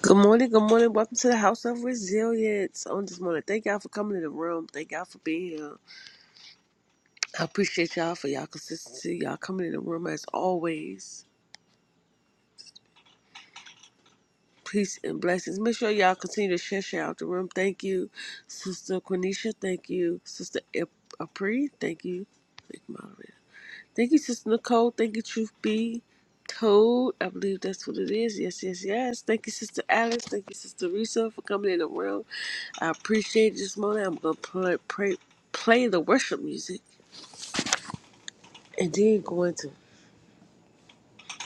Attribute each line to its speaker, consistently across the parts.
Speaker 1: Good morning, good morning. Welcome to the House of Resilience. I just want to thank y'all for coming in the room. Thank y'all for being here. I appreciate y'all for y'all consistency. Y'all coming in the room as always. Peace and blessings. Make sure y'all continue to share, share out the room. Thank you, Sister Quenisha. Thank you, Sister Ip- Apri. Thank you. Thank you, moderator. Thank you, Sister Nicole. Thank you, Truth Be Told. I believe that's what it is. Yes, yes, yes. Thank you, Sister Alice. Thank you, Sister Risa, for coming in the room. I appreciate this morning. I'm gonna play, pray, play the worship music, and then go into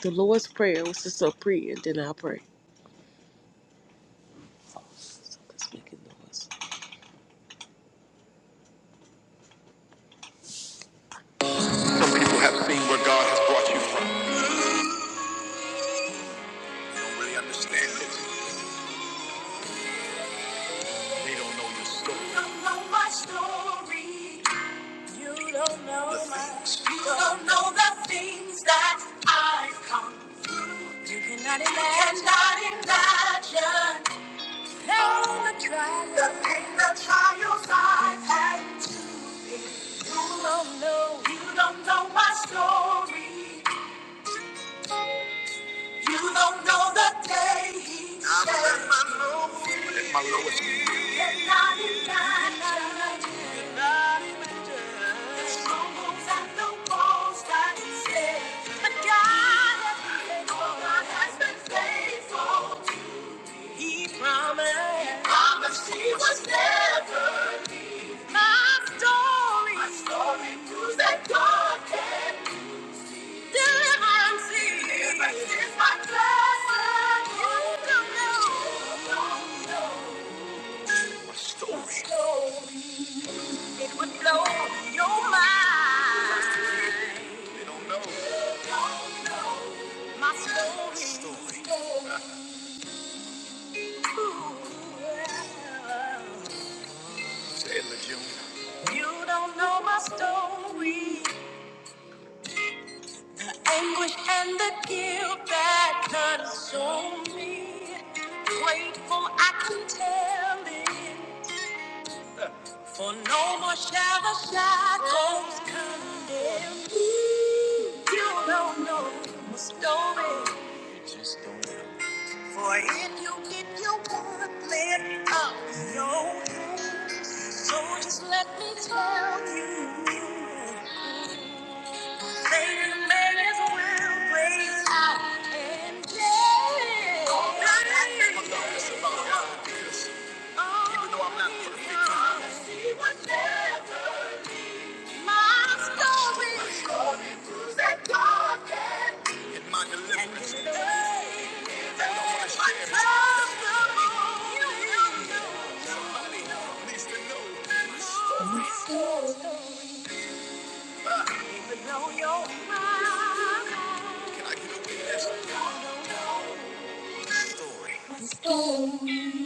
Speaker 1: the Lord's prayer, which is so pre, and then I will pray. So it's making noise. Some people have seen where God has brought you from. Don't really understand it. They don't know your story. You don't know my story. You don't know the my- things. You don't know the things that I've come. You cannot imagine. Cannot imagine. Now the trials, the pain, the trials I've had to endure. You don't know, you don't know my story. You don't know the day he I'm at my lowest. I'm at my lowest. Cannot imagine. Cannot imagine. The strongholds and the walls that stand. But God has been faithful. God has been faithful. He promised. Promised he was never leave. My story. My story proves that God can. Deliverance. is- Deliverance is my blessing. You don't know. My story. My story. It would blow your mind. No. Don't know. My story. My story. Ooh. Taylor Jr. You don't know my story, the anguish and the guilt that consumes me. Grateful I can tell it, for no more shall the shackles condemn me. You don't know my story, for if you give your worthless up your hands, so just let me tell you. Somebody needs to know. Story.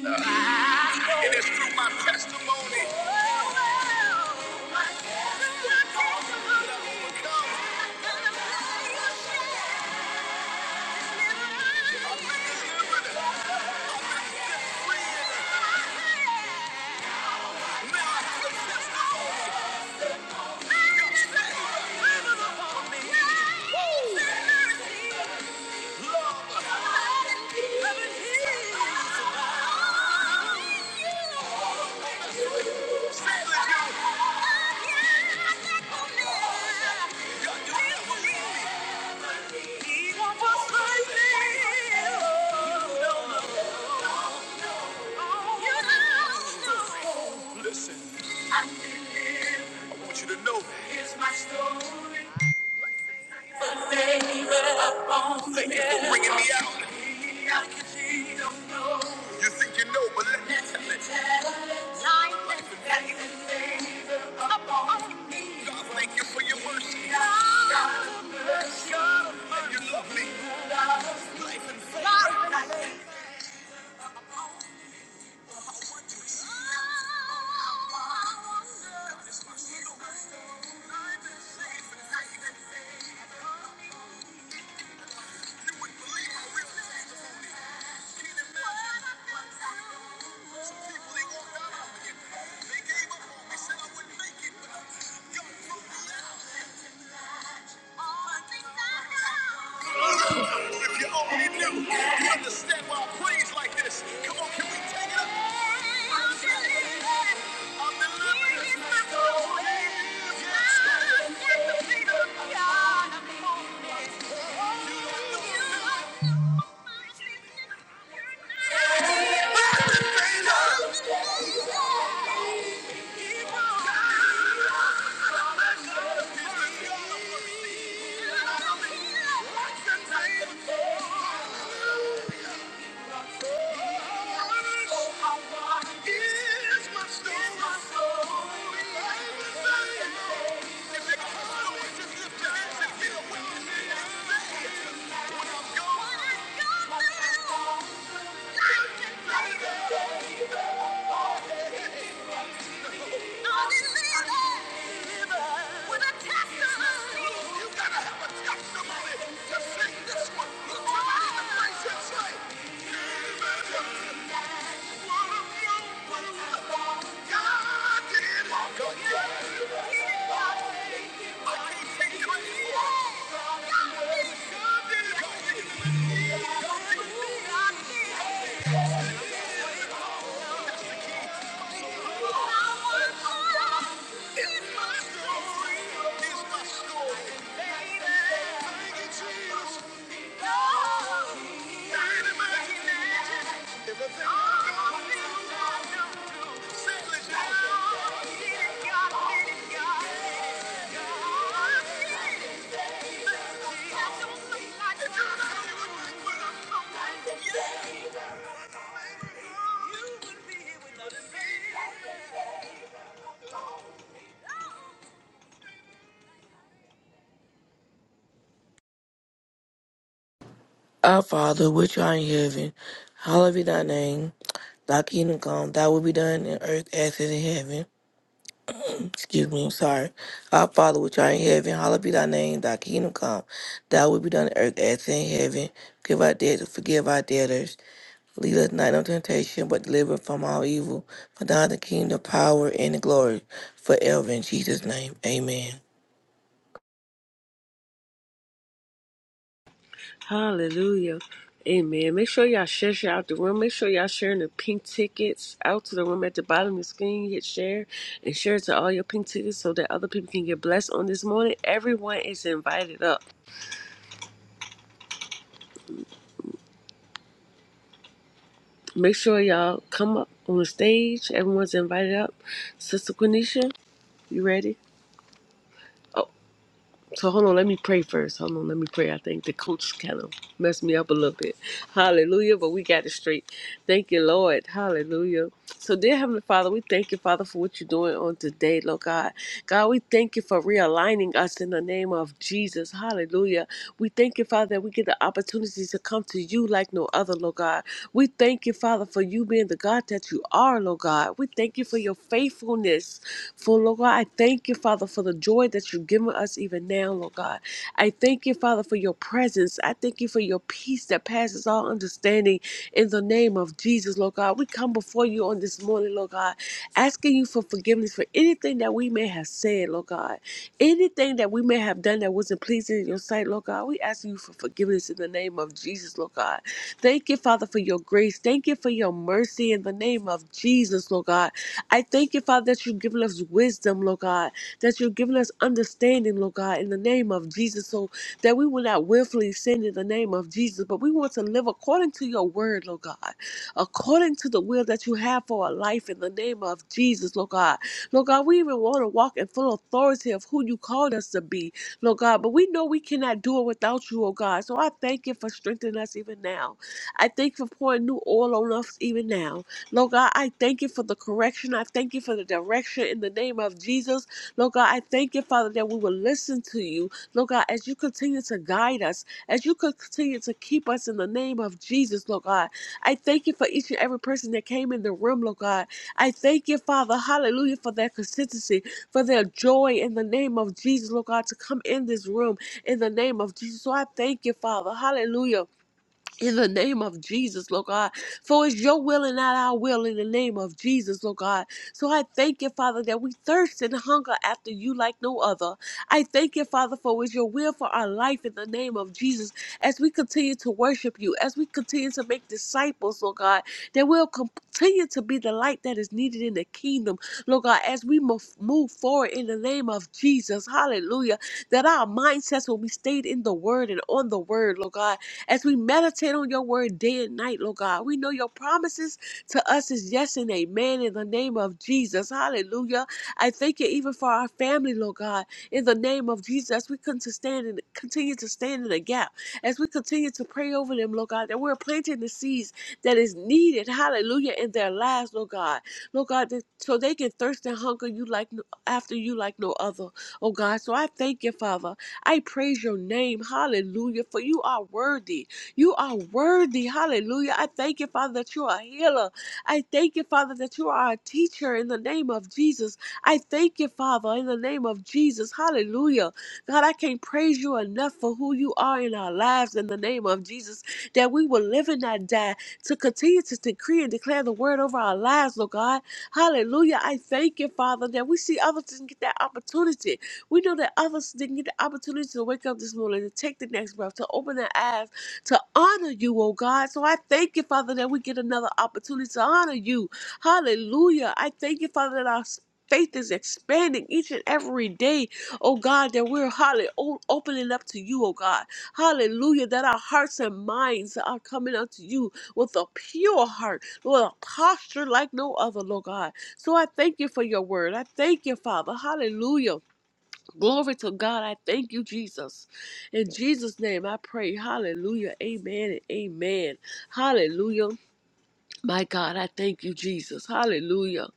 Speaker 1: And it's through my testimony that I overcome. Thank you. Listen, I want you to know that. Here's my story. Baby, I'm Thank you for bringing me out. You think you know, but let me tell it. Life is me. God, thank you for your mercy. God, mercy. And you love me. I want you. I want you. If you only knew, you understand why I praise like this. Come on, can we take it up? I'm delivered. I'm delivered. He is my soul. Yes, God. Yes, the people. God, I'm holy. You don't know. Thank you. Thank you. Thank you. Settle it down. You would be without a me.
Speaker 2: Our Father, which art in heaven, hallowed be thy name. Thy kingdom come, thy will be done in earth as it is in heaven. Excuse me, I'm sorry. Our Father, which art in heaven, hallowed be thy name. Thy kingdom come, thy will be done in earth as it is in heaven. Give our debts, and forgive our debtors. Lead us not into temptation, but deliver us from all evil. For thine is the kingdom, the power, and the glory forever. In Jesus' name, amen.
Speaker 1: Hallelujah. Amen. Make sure y'all share, share out the room. Make sure y'all sharing the pink tickets out to the room at the bottom of the screen. Hit share and share to all your pink tickets so that other people can get blessed on this morning. Everyone is invited up. Make sure y'all come up on the stage. Everyone's invited up. Sister Quenisha, you ready? So hold on, let me pray first. Hold on, let me pray. I think the coach kind of messed me up a little bit. Hallelujah, but we got it straight. Thank you, Lord. Hallelujah. So, dear Heavenly Father, we thank you, Father, for what you're doing on today, Lord God. God, we thank you for realigning us in the name of of Jesus. Hallelujah. We thank you, Father, that we get the opportunity to come to you like no other, Lord God. We thank you, Father, for you being the God that you are, Lord God. We thank you for your faithfulness. For, Lord God, I thank you, Father, for the joy that you've given us even now, Lord God. I thank you, Father, for your presence. I thank you for your peace that passes all understanding in the name of Jesus, Lord God. We come before you on this morning, Lord God, asking you for forgiveness for anything that we may have said, Lord God. Anything that we may have done that wasn't pleasing in your sight, Lord God, we ask you for forgiveness in the name of Jesus, Lord God. Thank you, Father, for your grace. Thank you for your mercy in the name of Jesus, Lord God. I thank you, Father, that you've given us wisdom, Lord God, that you've given us understanding, Lord God, in the name of Jesus, so that we will not willfully sin in the name of Jesus, but we want to live according to your word, Lord God according to the will that you have for our life in the name of Jesus, Lord God. Lord God, we even want to walk in full authority of who you called us to be, Lord God, but we know we cannot do it without you, oh God. So I thank you for strengthening us even now. I thank you for pouring new oil on us even now. Lord God, I thank you for the correction. I thank you for the direction in the name of Jesus. Lord God, I thank you, Father, that we will listen to you. Lord God, as you continue to guide us, as you continue to keep us in the name of Jesus, Lord God. I thank you for each and every person that came in the room, Lord God. I thank you, Father, hallelujah, for their consistency, for their joy in the name of Jesus, Lord God, to come in this room in the name of Jesus. So I thank you, Father, hallelujah in the name of Jesus, Lord God. For it's your will and not our will in the name of Jesus, Lord God. So I thank you, Father, that we thirst and hunger after you like no other. I thank you, Father, for it's your will for our life in the name of Jesus. As we continue to worship you, as we continue to make disciples, Lord God, that we'll continue to be the light that is needed in the kingdom, Lord God, as we mo- move forward in the name of Jesus. Hallelujah. That our mindsets will be stayed in the word and on the word, Lord God as we meditate on your word day and night, Lord God, we know your promises to us is yes and amen in the name of Jesus. Hallelujah. I thank you even for our family, Lord God, in the name of Jesus. We come to stand and continue to stand in the gap as we continue to pray over them, Lord God, that we're planting the seeds that is needed, hallelujah, in their lives, Lord God. Lord God, that, so they can thirst and hunger you like no- after you like no other, oh God. So I thank you, Father. I praise your name. Hallelujah. For you are worthy. You are worthy. Hallelujah. I thank you, Father, that you are a healer. I thank you, Father, that you are a teacher in the name of Jesus. I thank you, Father, in the name of Jesus. Hallelujah. God, I can't praise you enough for who you are in our lives in the name of Jesus, that we will live and not die, to continue to decree and declare the word over our lives, Lord God. Hallelujah. I thank you, Father, that we see others and get that opportunity we know that others didn't get the opportunity to wake up this morning, to take the next breath, to open their eyes, to honor you, oh God. So I thank you, Father, that we get another opportunity to honor you. Hallelujah. I thank you, Father, that our faith is expanding each and every day, oh God, that we're hallelujah opening up to you, oh God. Hallelujah. That our hearts and minds are coming unto you with a pure heart, with a posture like no other, Lord God. So I thank you for your word. I thank you, Father. Hallelujah Glory to God. I thank you, Jesus. In Jesus' name, I pray. Hallelujah. Amen and amen. Hallelujah. My God, I thank you, Jesus. Hallelujah.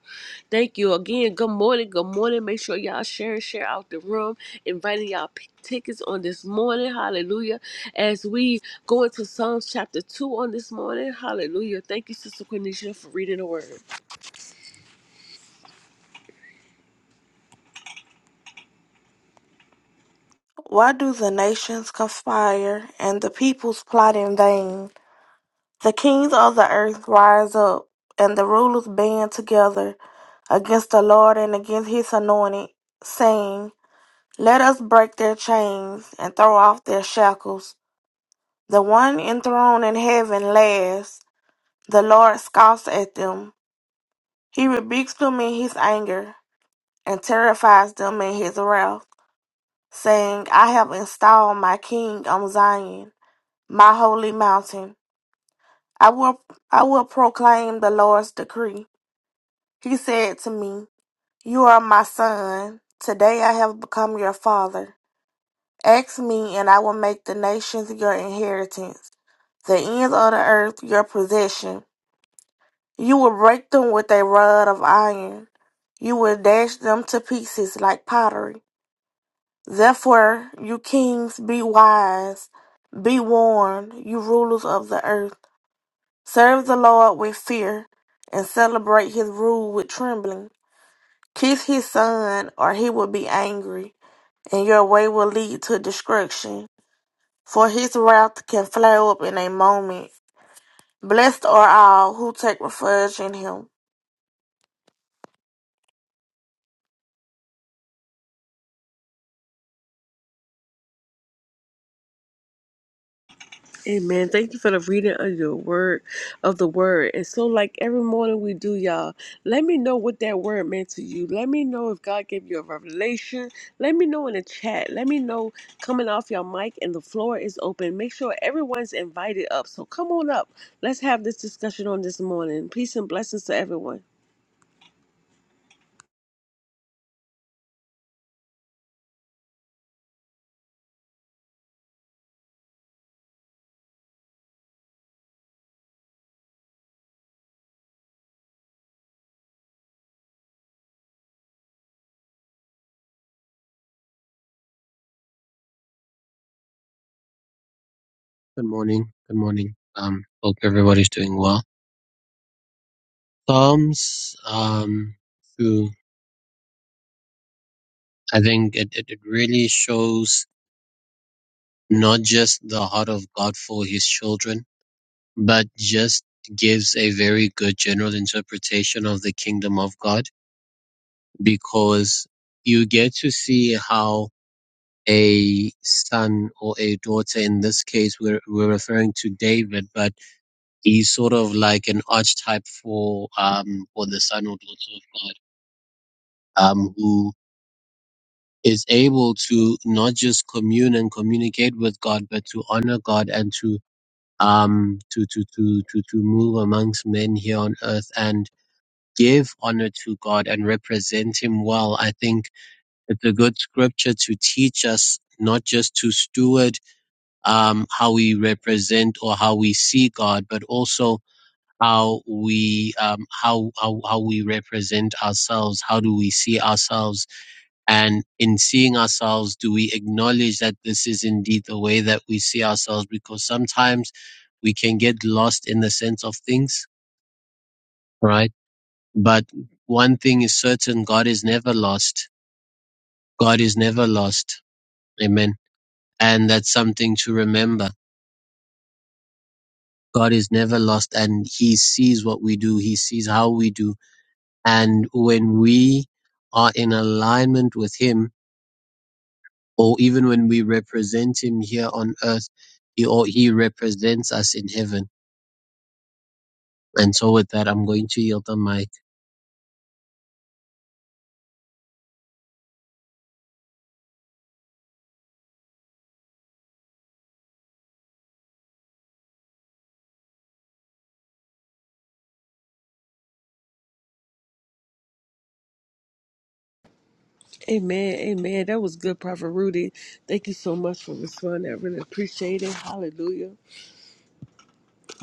Speaker 1: Thank you again. Good morning. Good morning. Make sure y'all share and share out the room. Inviting y'all pick tickets on this morning. Hallelujah. As we go into Psalms chapter 2 on this morning. Hallelujah. Thank you, Sister Quenisha, for reading the word.
Speaker 3: Why do the nations conspire, and the peoples plot in vain? The kings of the earth rise up, and the rulers band together against the Lord and against his anointed, saying, Let us break their chains and throw off their shackles. The one enthroned in heaven laughs, the Lord scoffs at them. He rebukes them in his anger and terrifies them in his wrath, saying, I have installed my king on Zion my holy mountain. I will I will proclaim the Lord's decree. He said to me, You are my son. Today I have become your father. Ask me, and I will make the nations your inheritance, the ends of the earth your possession. You will break them with a rod of iron. You will dash them to pieces like pottery. Therefore, you kings, be wise. Be warned, you rulers of the earth. Serve the Lord with fear and celebrate his rule with trembling. Kiss his son, or he will be angry, and your way will lead to destruction. For his wrath can flare up in a moment. Blessed are all who take refuge in him.
Speaker 1: Amen. Thank you for the reading of your word, of the word. And so, like every morning we do, y'all, let me know what that word meant to you. Let me know if God gave you a revelation. Let me know in the chat. Let me know coming off your mic and the floor is open. Make sure everyone's invited up. So, come on up. Let's have this discussion on this morning. Peace and blessings to everyone.
Speaker 4: Good morning. Good morning. Um, hope everybody's doing well. Psalms, um, to, I think it, it, it really shows not just the heart of God for his children, but just gives a very good general interpretation of the kingdom of God because you get to see how a son or a daughter, in this case, we're, we're referring to David, but he's sort of like an archetype for, um, for the son or daughter of God um, who is able to not just commune and communicate with God, but to honor God and to um, to, to to to to move amongst men here on earth and give honor to God and represent Him well. I think it's a good scripture to teach us not just to steward um, how we represent or how we see God, but also how we um, how, how how we represent ourselves. How do we see ourselves? And in seeing ourselves, do we acknowledge that this is indeed the way that we see ourselves? Because sometimes we can get lost in the sense of things, right? But one thing is certain God is never lost. God is never lost. Amen. And that's something to remember. God is never lost and he sees what we do. He sees how we do. And when we are in alignment with him, or even when we represent him here on earth, he or he represents us in heaven. And so with that, I'm going to yield the mic.
Speaker 1: Amen. Amen. That was good, Prophet Rudy. Thank you so much for responding. I really appreciate it. Hallelujah.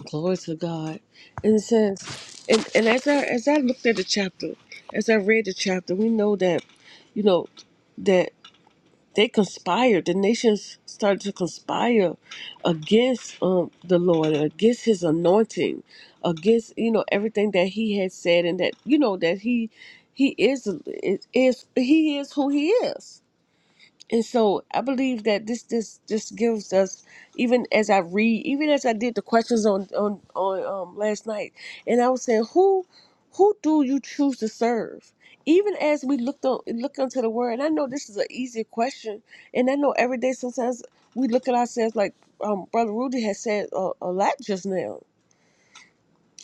Speaker 1: Glory to God. And it says, and, and as I as I looked at the chapter, as I read the chapter, we know that, you know, that they conspired. The nations started to conspire against um, the Lord, against His anointing, against you know everything that He had said, and that you know that He He is is, is He is who He is and so I believe that this this this gives us even as I read, even as I did the questions on on on um, last night, and I was saying, who who do you choose to serve? Even as we looked on look into the word, and I know this is an easier question, and I know every day sometimes we look at ourselves like um, Brother Rudy has said a, a lot just now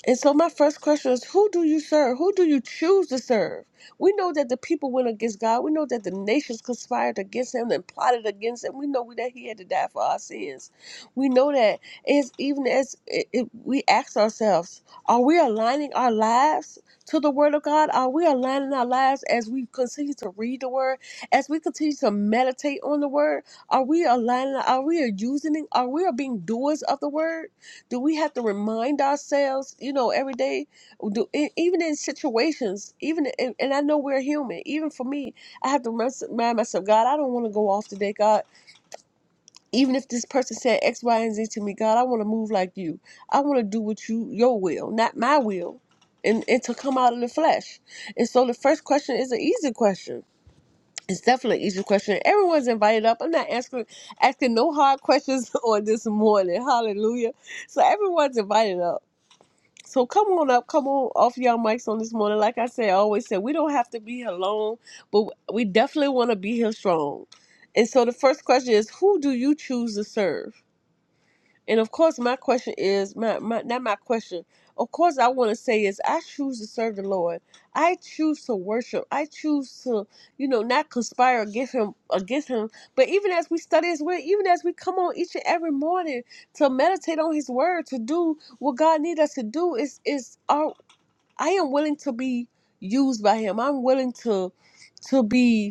Speaker 1: and so my first question is who do you serve? Who do you choose to serve? We know that the people went against God. We know that the nations conspired against him and plotted against him. We know that he had to die for our sins. We know that it's even as it, it- we ask ourselves, are we aligning our lives to the word of God? Are we aligning our lives as we continue to read the word, as we continue to meditate on the word? Are we aligning? Are we using it? Are we being doers of the word? do we have to remind ourselves you know every day do, e- even in situations even in, and i know we're human even for me i have to remind myself god i don't want to go off today god even if this person said x y and z to me god i want to move like you i want to do what you your will not my will and, and to come out of the flesh and so the first question is an easy question it's definitely an easy question. Everyone's invited up. I'm not asking asking no hard questions on this morning. Hallelujah. So everyone's invited up. So come on up, come on off y'all mics on this morning. Like I said, I always said we don't have to be here long, but we definitely want to be here strong. And so the first question is, who do you choose to serve? And of course, my question is my, my not my question. Of course, I want to say is I choose to serve the Lord. I choose to worship. I choose to, you know, not conspire against Him against Him. But even as we study His Word, even as we come on each and every morning to meditate on His Word, to do what God needs us to do, is is our I am willing to be used by Him. I'm willing to to be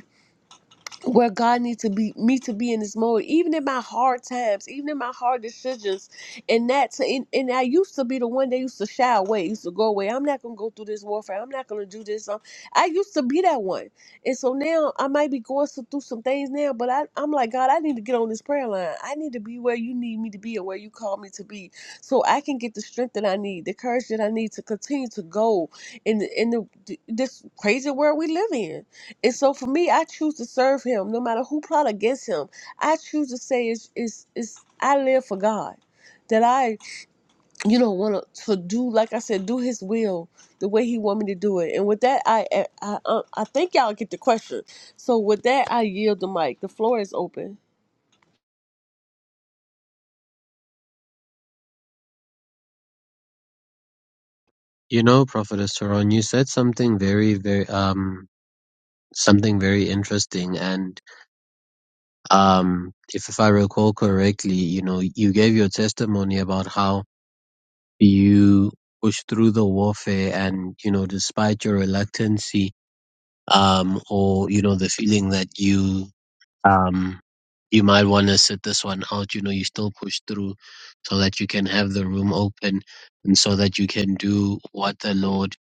Speaker 1: where God needs to be me to be in this mode, even in my hard times, even in my hard decisions, and that to, and, and I used to be the one that used to shy away, used to go away. I'm not gonna go through this warfare. I'm not gonna do this. Um, I used to be that one, and so now I might be going so- through some things now, but I, I'm like God, I need to get on this prayer line. I need to be where you need me to be and where you call me to be, so I can get the strength that I need, the courage that I need to continue to go in the, in the this crazy world we live in and so for me, I choose to serve him no matter who plot against him. I choose to say it's it's, it's I live for God. That I, you know, want to to do like I said, do His will the way He want me to do it. And with that, I I I, uh, I think y'all get the question. So with that, I yield the mic. The floor is open.
Speaker 4: You know, Prophetess Turon, you said something very, very, um, something very interesting. And, um, if, if I recall correctly, you know, you gave your testimony about how you pushed through the warfare and, you know, despite your reluctancy, um, or, you know, the feeling that you Um, you might want to sit this one out. You know, you still push through so that you can have the room open and so that you can do what the Lord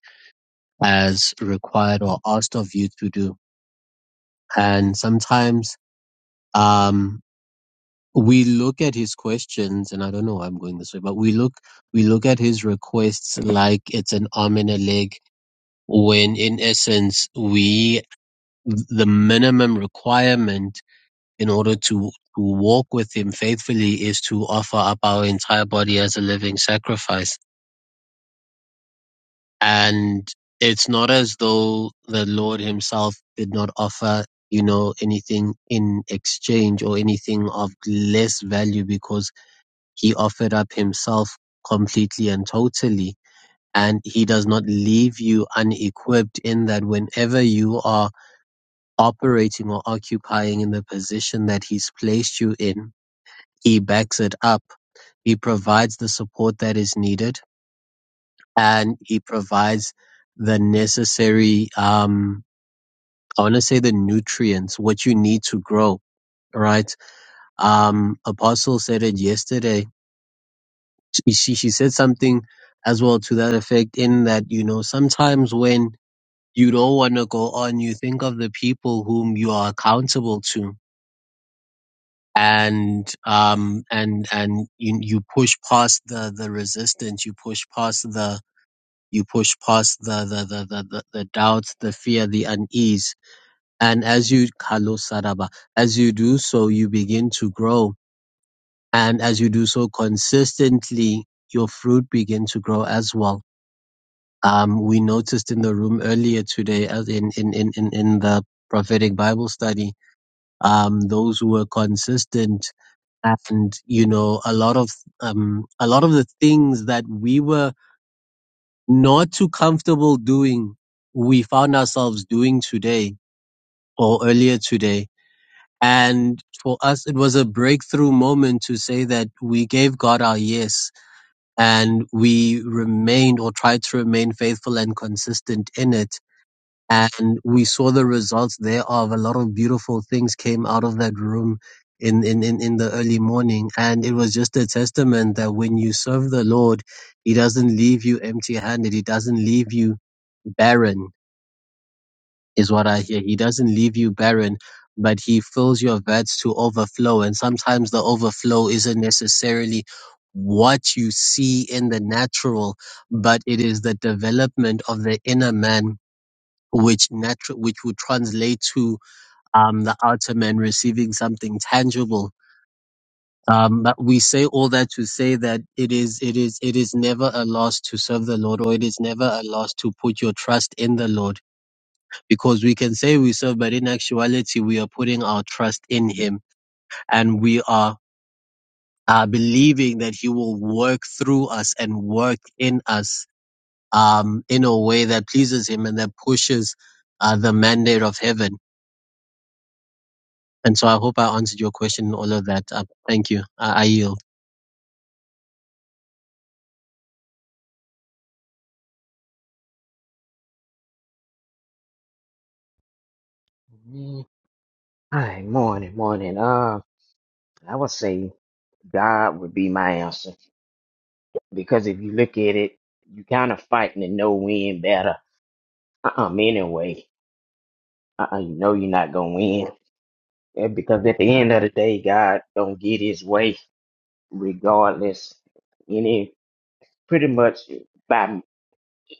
Speaker 4: has required or asked of you to do. And sometimes, um, we look at his questions and I don't know why I'm going this way, but we look, we look at his requests like it's an arm and a leg when in essence we, the minimum requirement in order to, to walk with him faithfully is to offer up our entire body as a living sacrifice. And it's not as though the Lord himself did not offer, you know, anything in exchange or anything of less value because he offered up himself completely and totally. And he does not leave you unequipped in that whenever you are operating or occupying in the position that he's placed you in, he backs it up He provides the support that is needed, and he provides the necessary, um, I want to say the nutrients, what you need to grow, right? Um, Apostle said it yesterday. She, she she said something as well to that effect in that, you know, sometimes when you don't want to go on, you think of the people whom you are accountable to and um and and you you push past the the resistance you push past the you push past the the, the, the, the the doubts, the fear, the unease. And as you Kalo Saraba, as you do so, you begin to grow. And as you do so consistently, your fruit begin to grow as well. Um, we noticed in the room earlier today, as in, in, in, in, in the prophetic Bible study, um, those who were consistent and, you know, a lot of, um, a lot of the things that we were not too comfortable doing, we found ourselves doing today or earlier today. And for us, it was a breakthrough moment to say that we gave God our yes and we remained or tried to remain faithful and consistent in it and we saw the results thereof. A lot of beautiful things came out of that room in, in, in, in the early morning. And it was just a testament that when you serve the Lord, He doesn't leave you empty handed. He doesn't leave you barren, is what I hear. He doesn't leave you barren, but He fills your vats to overflow. And sometimes the overflow isn't necessarily what you see in the natural, but it is the development of the inner man which natural which would translate to um, the outer man receiving something tangible. Um, but we say all that to say that it is it is it is never a loss to serve the Lord, or it is never a loss to put your trust in the Lord, because we can say we serve, but in actuality we are putting our trust in Him, and we are uh, believing that He will work through us and work in us um, in a way that pleases Him and that pushes uh, the mandate of heaven. And so I hope I answered your question all of that. Uh, thank you. I, I yield.
Speaker 5: Mm. Hi, morning, morning. Uh, I would say God would be my answer because if you look at it, you kind of fighting a no win battle. Uh, anyway, uh, you know you're not gonna win Yeah, because at the end of the day, God don't get His way regardless. Any pretty much by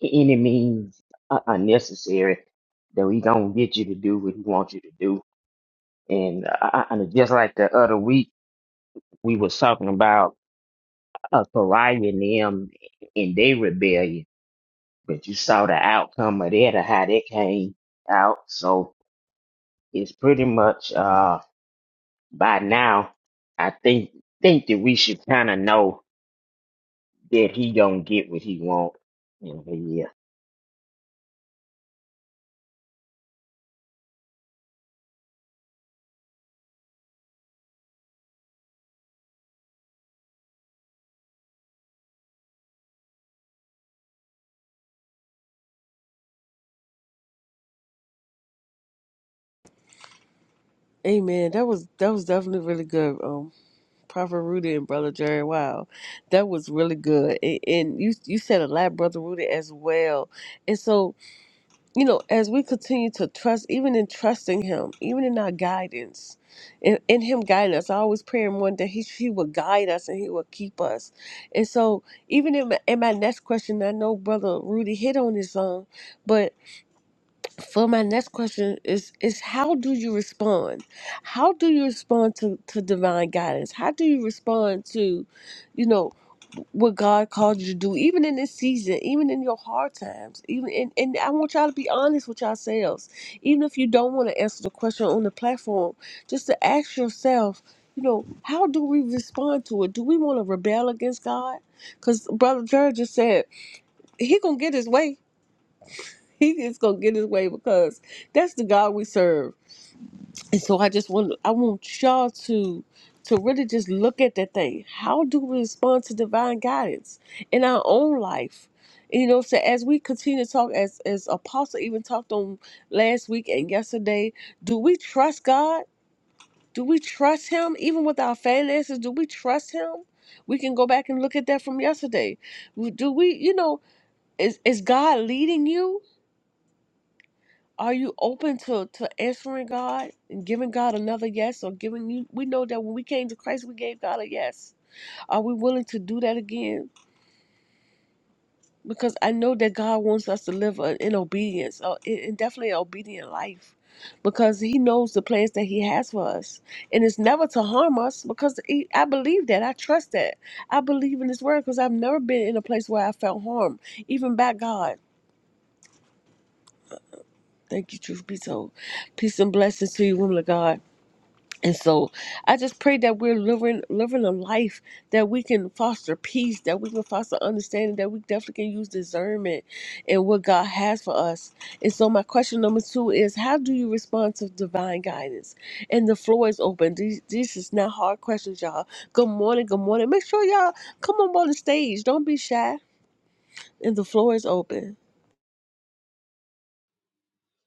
Speaker 5: any means uh, unnecessary that He gonna get you to do what He wants you to do. And uh, uh, uh, just like the other week, we was talking about. Azariah and them in their rebellion, but you saw the outcome of that or how that came out. So it's pretty much uh by now I think think that we should kinda know that he gonna get what he want. And yeah.
Speaker 1: Amen. That was that was definitely really good. Um, Prophet Rudy and Brother Jerry. Wow, that was really good. And, and you you said a lot, Brother Rudy, as well. And so you know, as we continue to trust, even in trusting Him, even in our guidance, in, in Him guiding us, I always pray and one that He He will guide us and He will keep us. And so, even in my, in my next question, I know Brother Rudy hit on his own, but for my next question is is how do you respond how do you respond to, to divine guidance how do you respond to you know what god called you to do even in this season even in your hard times even and, and i want y'all to be honest with yourselves even if you don't want to answer the question on the platform just to ask yourself you know how do we respond to it do we want to rebel against god because brother jared just said he gonna get his way He is gonna get his way because that's the God we serve. And so I just want I want y'all to to really just look at that thing. How do we respond to divine guidance in our own life? You know, so as we continue to talk, as as Apostle even talked on last week and yesterday, do we trust God? Do we trust Him even with our finances? Do we trust Him? We can go back and look at that from yesterday. Do we, you know, is is God leading you? Are you open to, to answering God and giving God another yes or giving you? We know that when we came to Christ, we gave God a yes. Are we willing to do that again? Because I know that God wants us to live a- in obedience, or in in definitely an obedient life, because He knows the plans that He has for us, and it's never to harm us. Because he, I believe that, I trust that, I believe in His word, because I've never been in a place where I felt harm, even by God. Thank you, truth be told. Peace and blessings to you, woman of God. And so I just pray that we're living living a life that we can foster peace, that we can foster understanding, that we definitely can use discernment in what God has for us. And so my question number two is how do you respond to divine guidance? And the floor is open. These these is not hard questions, y'all. Good morning, good morning. Make sure y'all come up on the stage. Don't be shy. And the floor is open.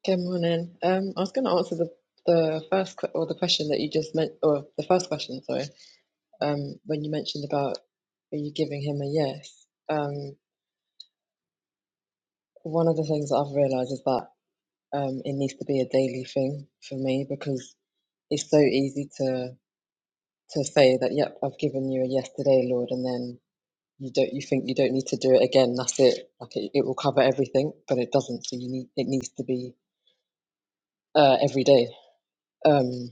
Speaker 6: Good morning. Um, I was going to answer the the first que- or the question that you just meant, or the first question, sorry. Um, when you mentioned about are you giving him a yes? Um, one of the things that I've realised is that um, it needs to be a daily thing for me because it's so easy to to say that, yep, I've given you a yes today, Lord, and then you don't you think you don't need to do it again. That's it. Like it, it will cover everything, but it doesn't. So you need it needs to be uh, every day. Um,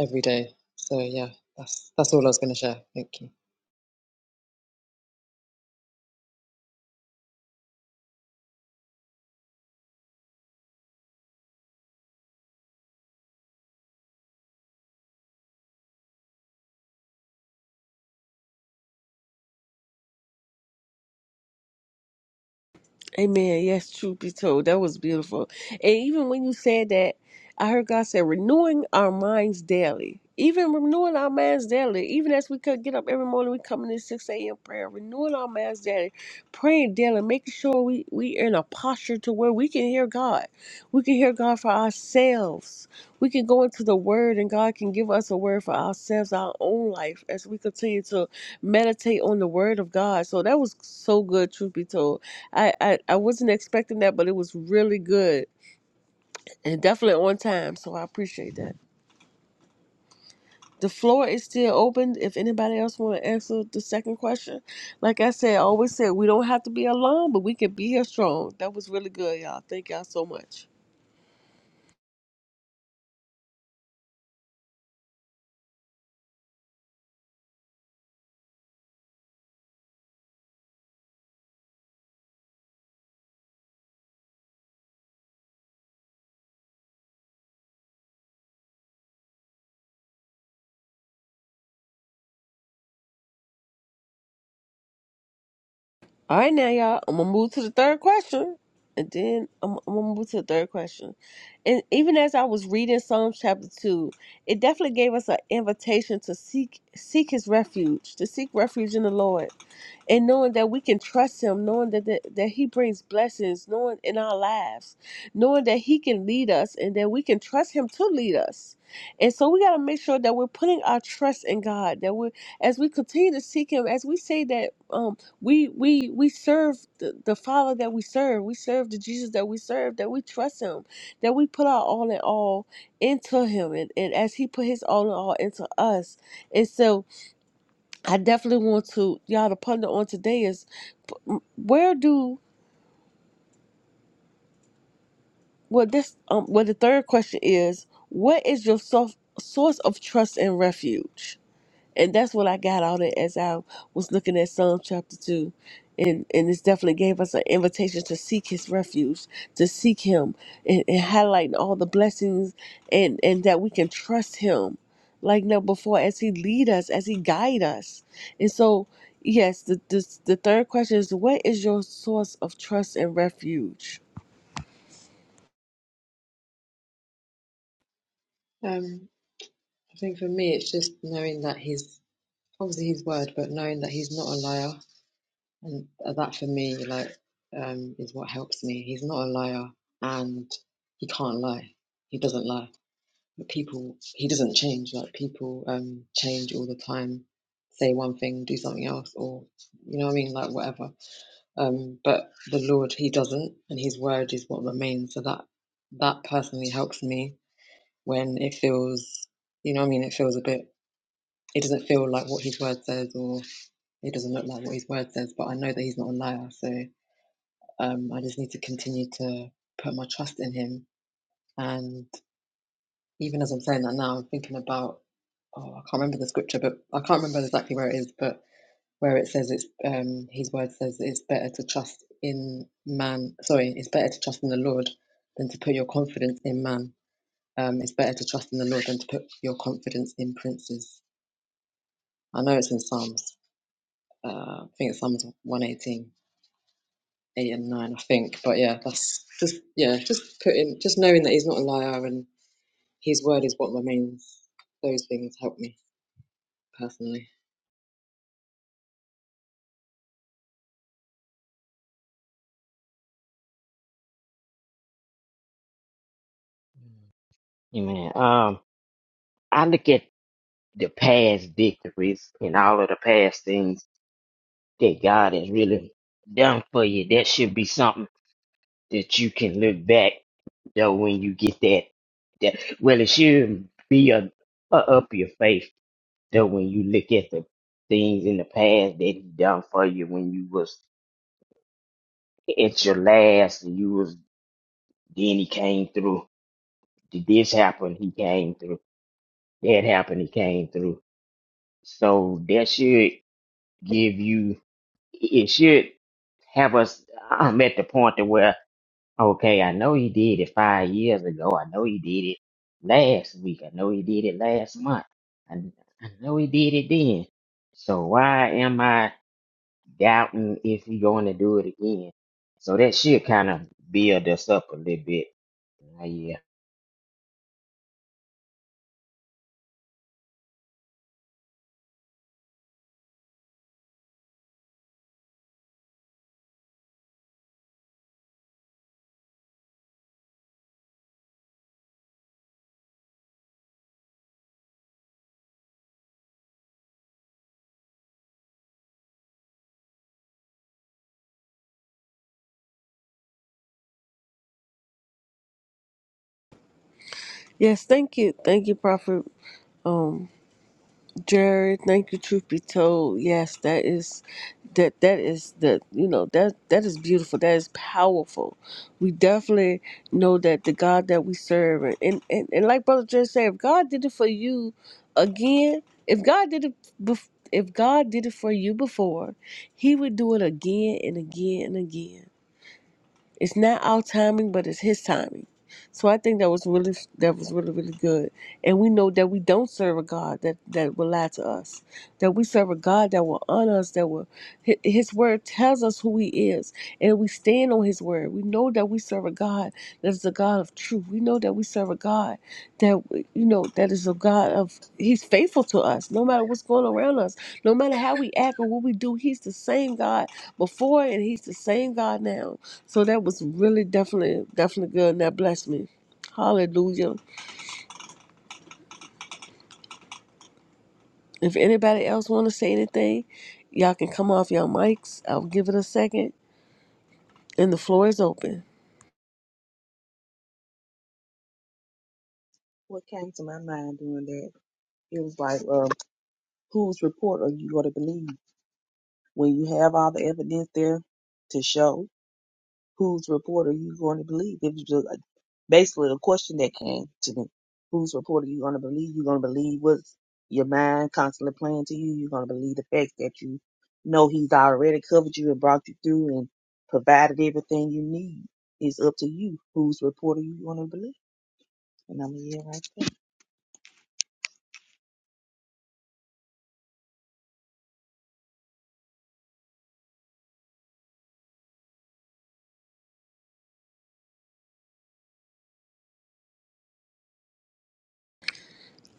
Speaker 6: every day. So yeah, that's that's all I was going to share. Thank you.
Speaker 1: Amen. Yes, truth be told, that was beautiful. And even when you said that, I heard God say, renewing our minds daily. Even renewing our minds daily. Even as we could get up every morning, we come in at 6 a.m. prayer, renewing our minds daily, praying daily, making sure we, we in a posture to where we can hear God. We can hear God for ourselves. We can go into the Word, and God can give us a word for ourselves, our own life, as we continue to meditate on the Word of God. So that was so good, truth be told. I, I, I wasn't expecting that, but it was really good and definitely on time. So I appreciate that. The floor is still open. If anybody else want to answer the second question, like I said, I always said we don't have to be alone, but we can be here strong. That was really good, y'all. Thank y'all so much. All right, now y'all, I'm gonna move to the third question, and then I'm, I'm gonna move to the third question. And even as I was reading Psalms chapter two, it definitely gave us an invitation to seek seek His refuge, to seek refuge in the Lord and knowing that we can trust him knowing that that, that he brings blessings knowing in our lives knowing that he can lead us and that we can trust him to lead us and so we got to make sure that we're putting our trust in god that we as we continue to seek him as we say that um we we we serve the, the father that we serve we serve the jesus that we serve that we trust him that we put our all in all into him and, and as he put his all in all into us and so I definitely want to y'all to ponder on today is p- m- where do well this um well the third question is what is your sof- source of trust and refuge? And that's what I got out of it as I was looking at Psalm chapter 2. And, and this definitely gave us an invitation to seek his refuge, to seek him, and, and highlighting all the blessings and, and that we can trust him like never before as he lead us, as he guide us. And so, yes, the, this, the third question is, what is your source of trust and refuge?
Speaker 6: Um, I think for me, it's just knowing that he's obviously his word, but knowing that he's not a liar, and that for me, like, um, is what helps me. He's not a liar, and he can't lie. He doesn't lie. But people, he doesn't change. Like people, um, change all the time. Say one thing, do something else, or you know what I mean, like whatever Um, but the Lord, He doesn't, and His word is what remains. So that that personally helps me when it feels, you know, what I mean, it feels a bit. It doesn't feel like what His word says, or it doesn't look like what His word says. But I know that He's not a liar, so um, I just need to continue to put my trust in Him. And even as I'm saying that now, I'm thinking about. Oh, I can't remember the scripture, but I can't remember exactly where it is, but where it says it's um, his word says it's better to trust in man. Sorry, it's better to trust in the Lord than to put your confidence in man. Um, it's better to trust in the Lord than to put your confidence in princes. I know it's in Psalms. Uh, I think it's Psalms 118, 8 and 9, I think. But yeah, that's just yeah, just putting just knowing that he's not a liar and his word is what remains. Those things help me personally.
Speaker 5: yeah, man. Um I look at the past victories and all of the past things that God has really done for you. That should be something that you can look back though when you get that that well it should be a, a up your faith. though when you look at the things in the past that he done for you when you was at your last and you was then he came through. Did this happen? He came through. That happened, he came through. So that should give you it should have us I'm at the point to where Okay, I know he did it five years ago. I know he did it last week. I know he did it last month. I, I know he did it then. So why am I doubting if he's going to do it again? So that should kind of build us up a little bit. Uh, yeah.
Speaker 1: Yes, thank you. Thank you, Prophet. Jared, thank you. Truth be told, yes, that is that that is the you know that that is beautiful. That is powerful. We definitely know that the God that we serve, and and, and, and like Brother Jared said, if God did it for you again, if God did it, bef- if God did it for you before, He would do it again and again and again. It's not our timing, but it's his timing. So I think that was really that was really really good. And we know that we don't serve a God that that will lie to us. That we serve a God that will honor us. That will Hi- His word tells us who He is, and we stand on His word. We know that we serve a God that is a God of truth. We know that we serve a God that you know that is a God of He's faithful to us, no matter what's going around us, no matter how we act or what we do. He's the same God before, and He's the same God now. So that was really definitely definitely good, and that blessed me. Hallelujah. If anybody else want to say anything, y'all can come off your mics. I'll give it a second, and the floor is open.
Speaker 7: what came to my mind doing that, it was like, um, whose report are you going to believe when you have all the evidence there to show? Whose report are you going to believe? It was just like, basically the question that came to me. Whose report are you going to believe? You're going to believe what's your mind constantly playing to you. You're going to believe the facts that you know he's already covered you and brought you through and provided everything you need. It's up to you. Whose report are you going to believe? And I'm here right.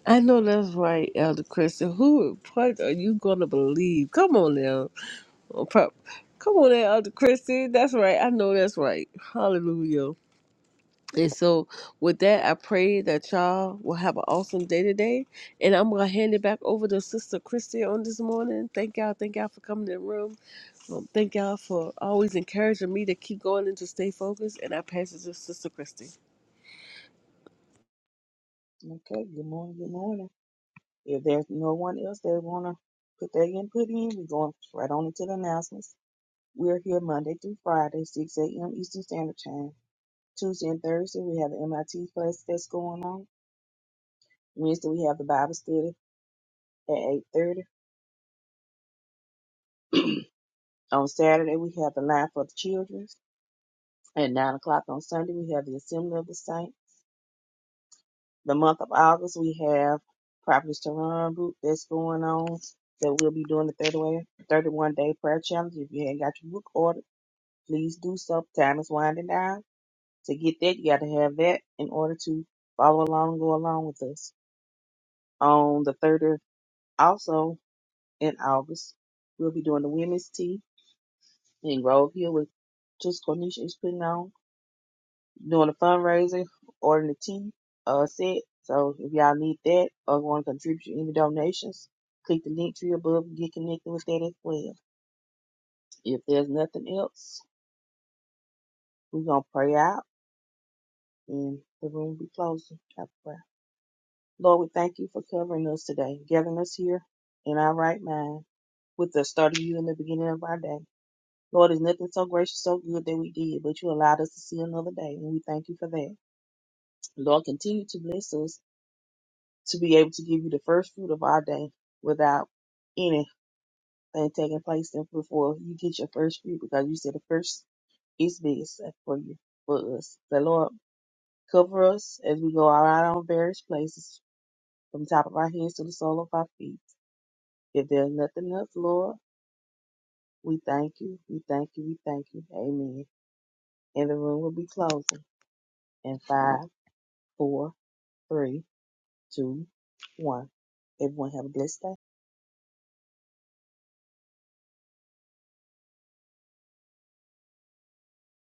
Speaker 1: I know that's right, Elder Christian. Who, what are you gonna believe? Come on now. Oh, pop. Come on there, Elder Christy. That's right. I know that's right. Hallelujah. And so, with that, I pray that y'all will have an awesome day today. And I'm going to hand it back over to Sister Christy on this morning. Thank y'all. Thank y'all for coming in the room. Um, thank y'all for always encouraging me to keep going and to stay focused. And I pass it to Sister Christy.
Speaker 7: Okay. Good morning. Good morning. If there's no one else that want to put their input in, we're going right on into the announcements. We're here Monday through Friday, 6 a.m. Eastern Standard Time. Tuesday and Thursday, we have the MIT class that's going on. Wednesday, we have the Bible study at 8.30. On Saturday, we have the Line for the Children. At 9 o'clock on Sunday, we have the Assembly of the Saints. The month of August, we have Prophetess Tehran group that's going on that we'll be doing the 31 31 day prayer challenge. If you ain't got your book ordered, Please do so. Time is winding down. To get that, you got to have that in order to follow along and go along with us. On the 3rd of, also in August, we'll be doing the women's tea in Grove Hill with just Cornisha is putting on, doing a fundraiser, ordering the tea uh, set. So if y'all need that or want to contribute any donations, click the link tree above and get connected with that as well. If there's nothing else, we're going to pray out and the room will be closing. Have a Lord, we thank you for covering us today, gathering us here in our right mind with the start of you in the beginning of our day. Lord, there's nothing so gracious, so good that we did, but you allowed us to see another day, and we thank you for that. Lord, continue to bless us to be able to give you the first fruit of our day without anything taking place before you get your first fruit, because you said the first is best for you, for us. So, Lord, cover us as we go out on various places, from the top of our heads to the sole of our feet. If there's nothing else, Lord, we thank you. We thank you. We thank you. Amen. And the room will be closing in five, four, three, two, one. Everyone have a blessed day.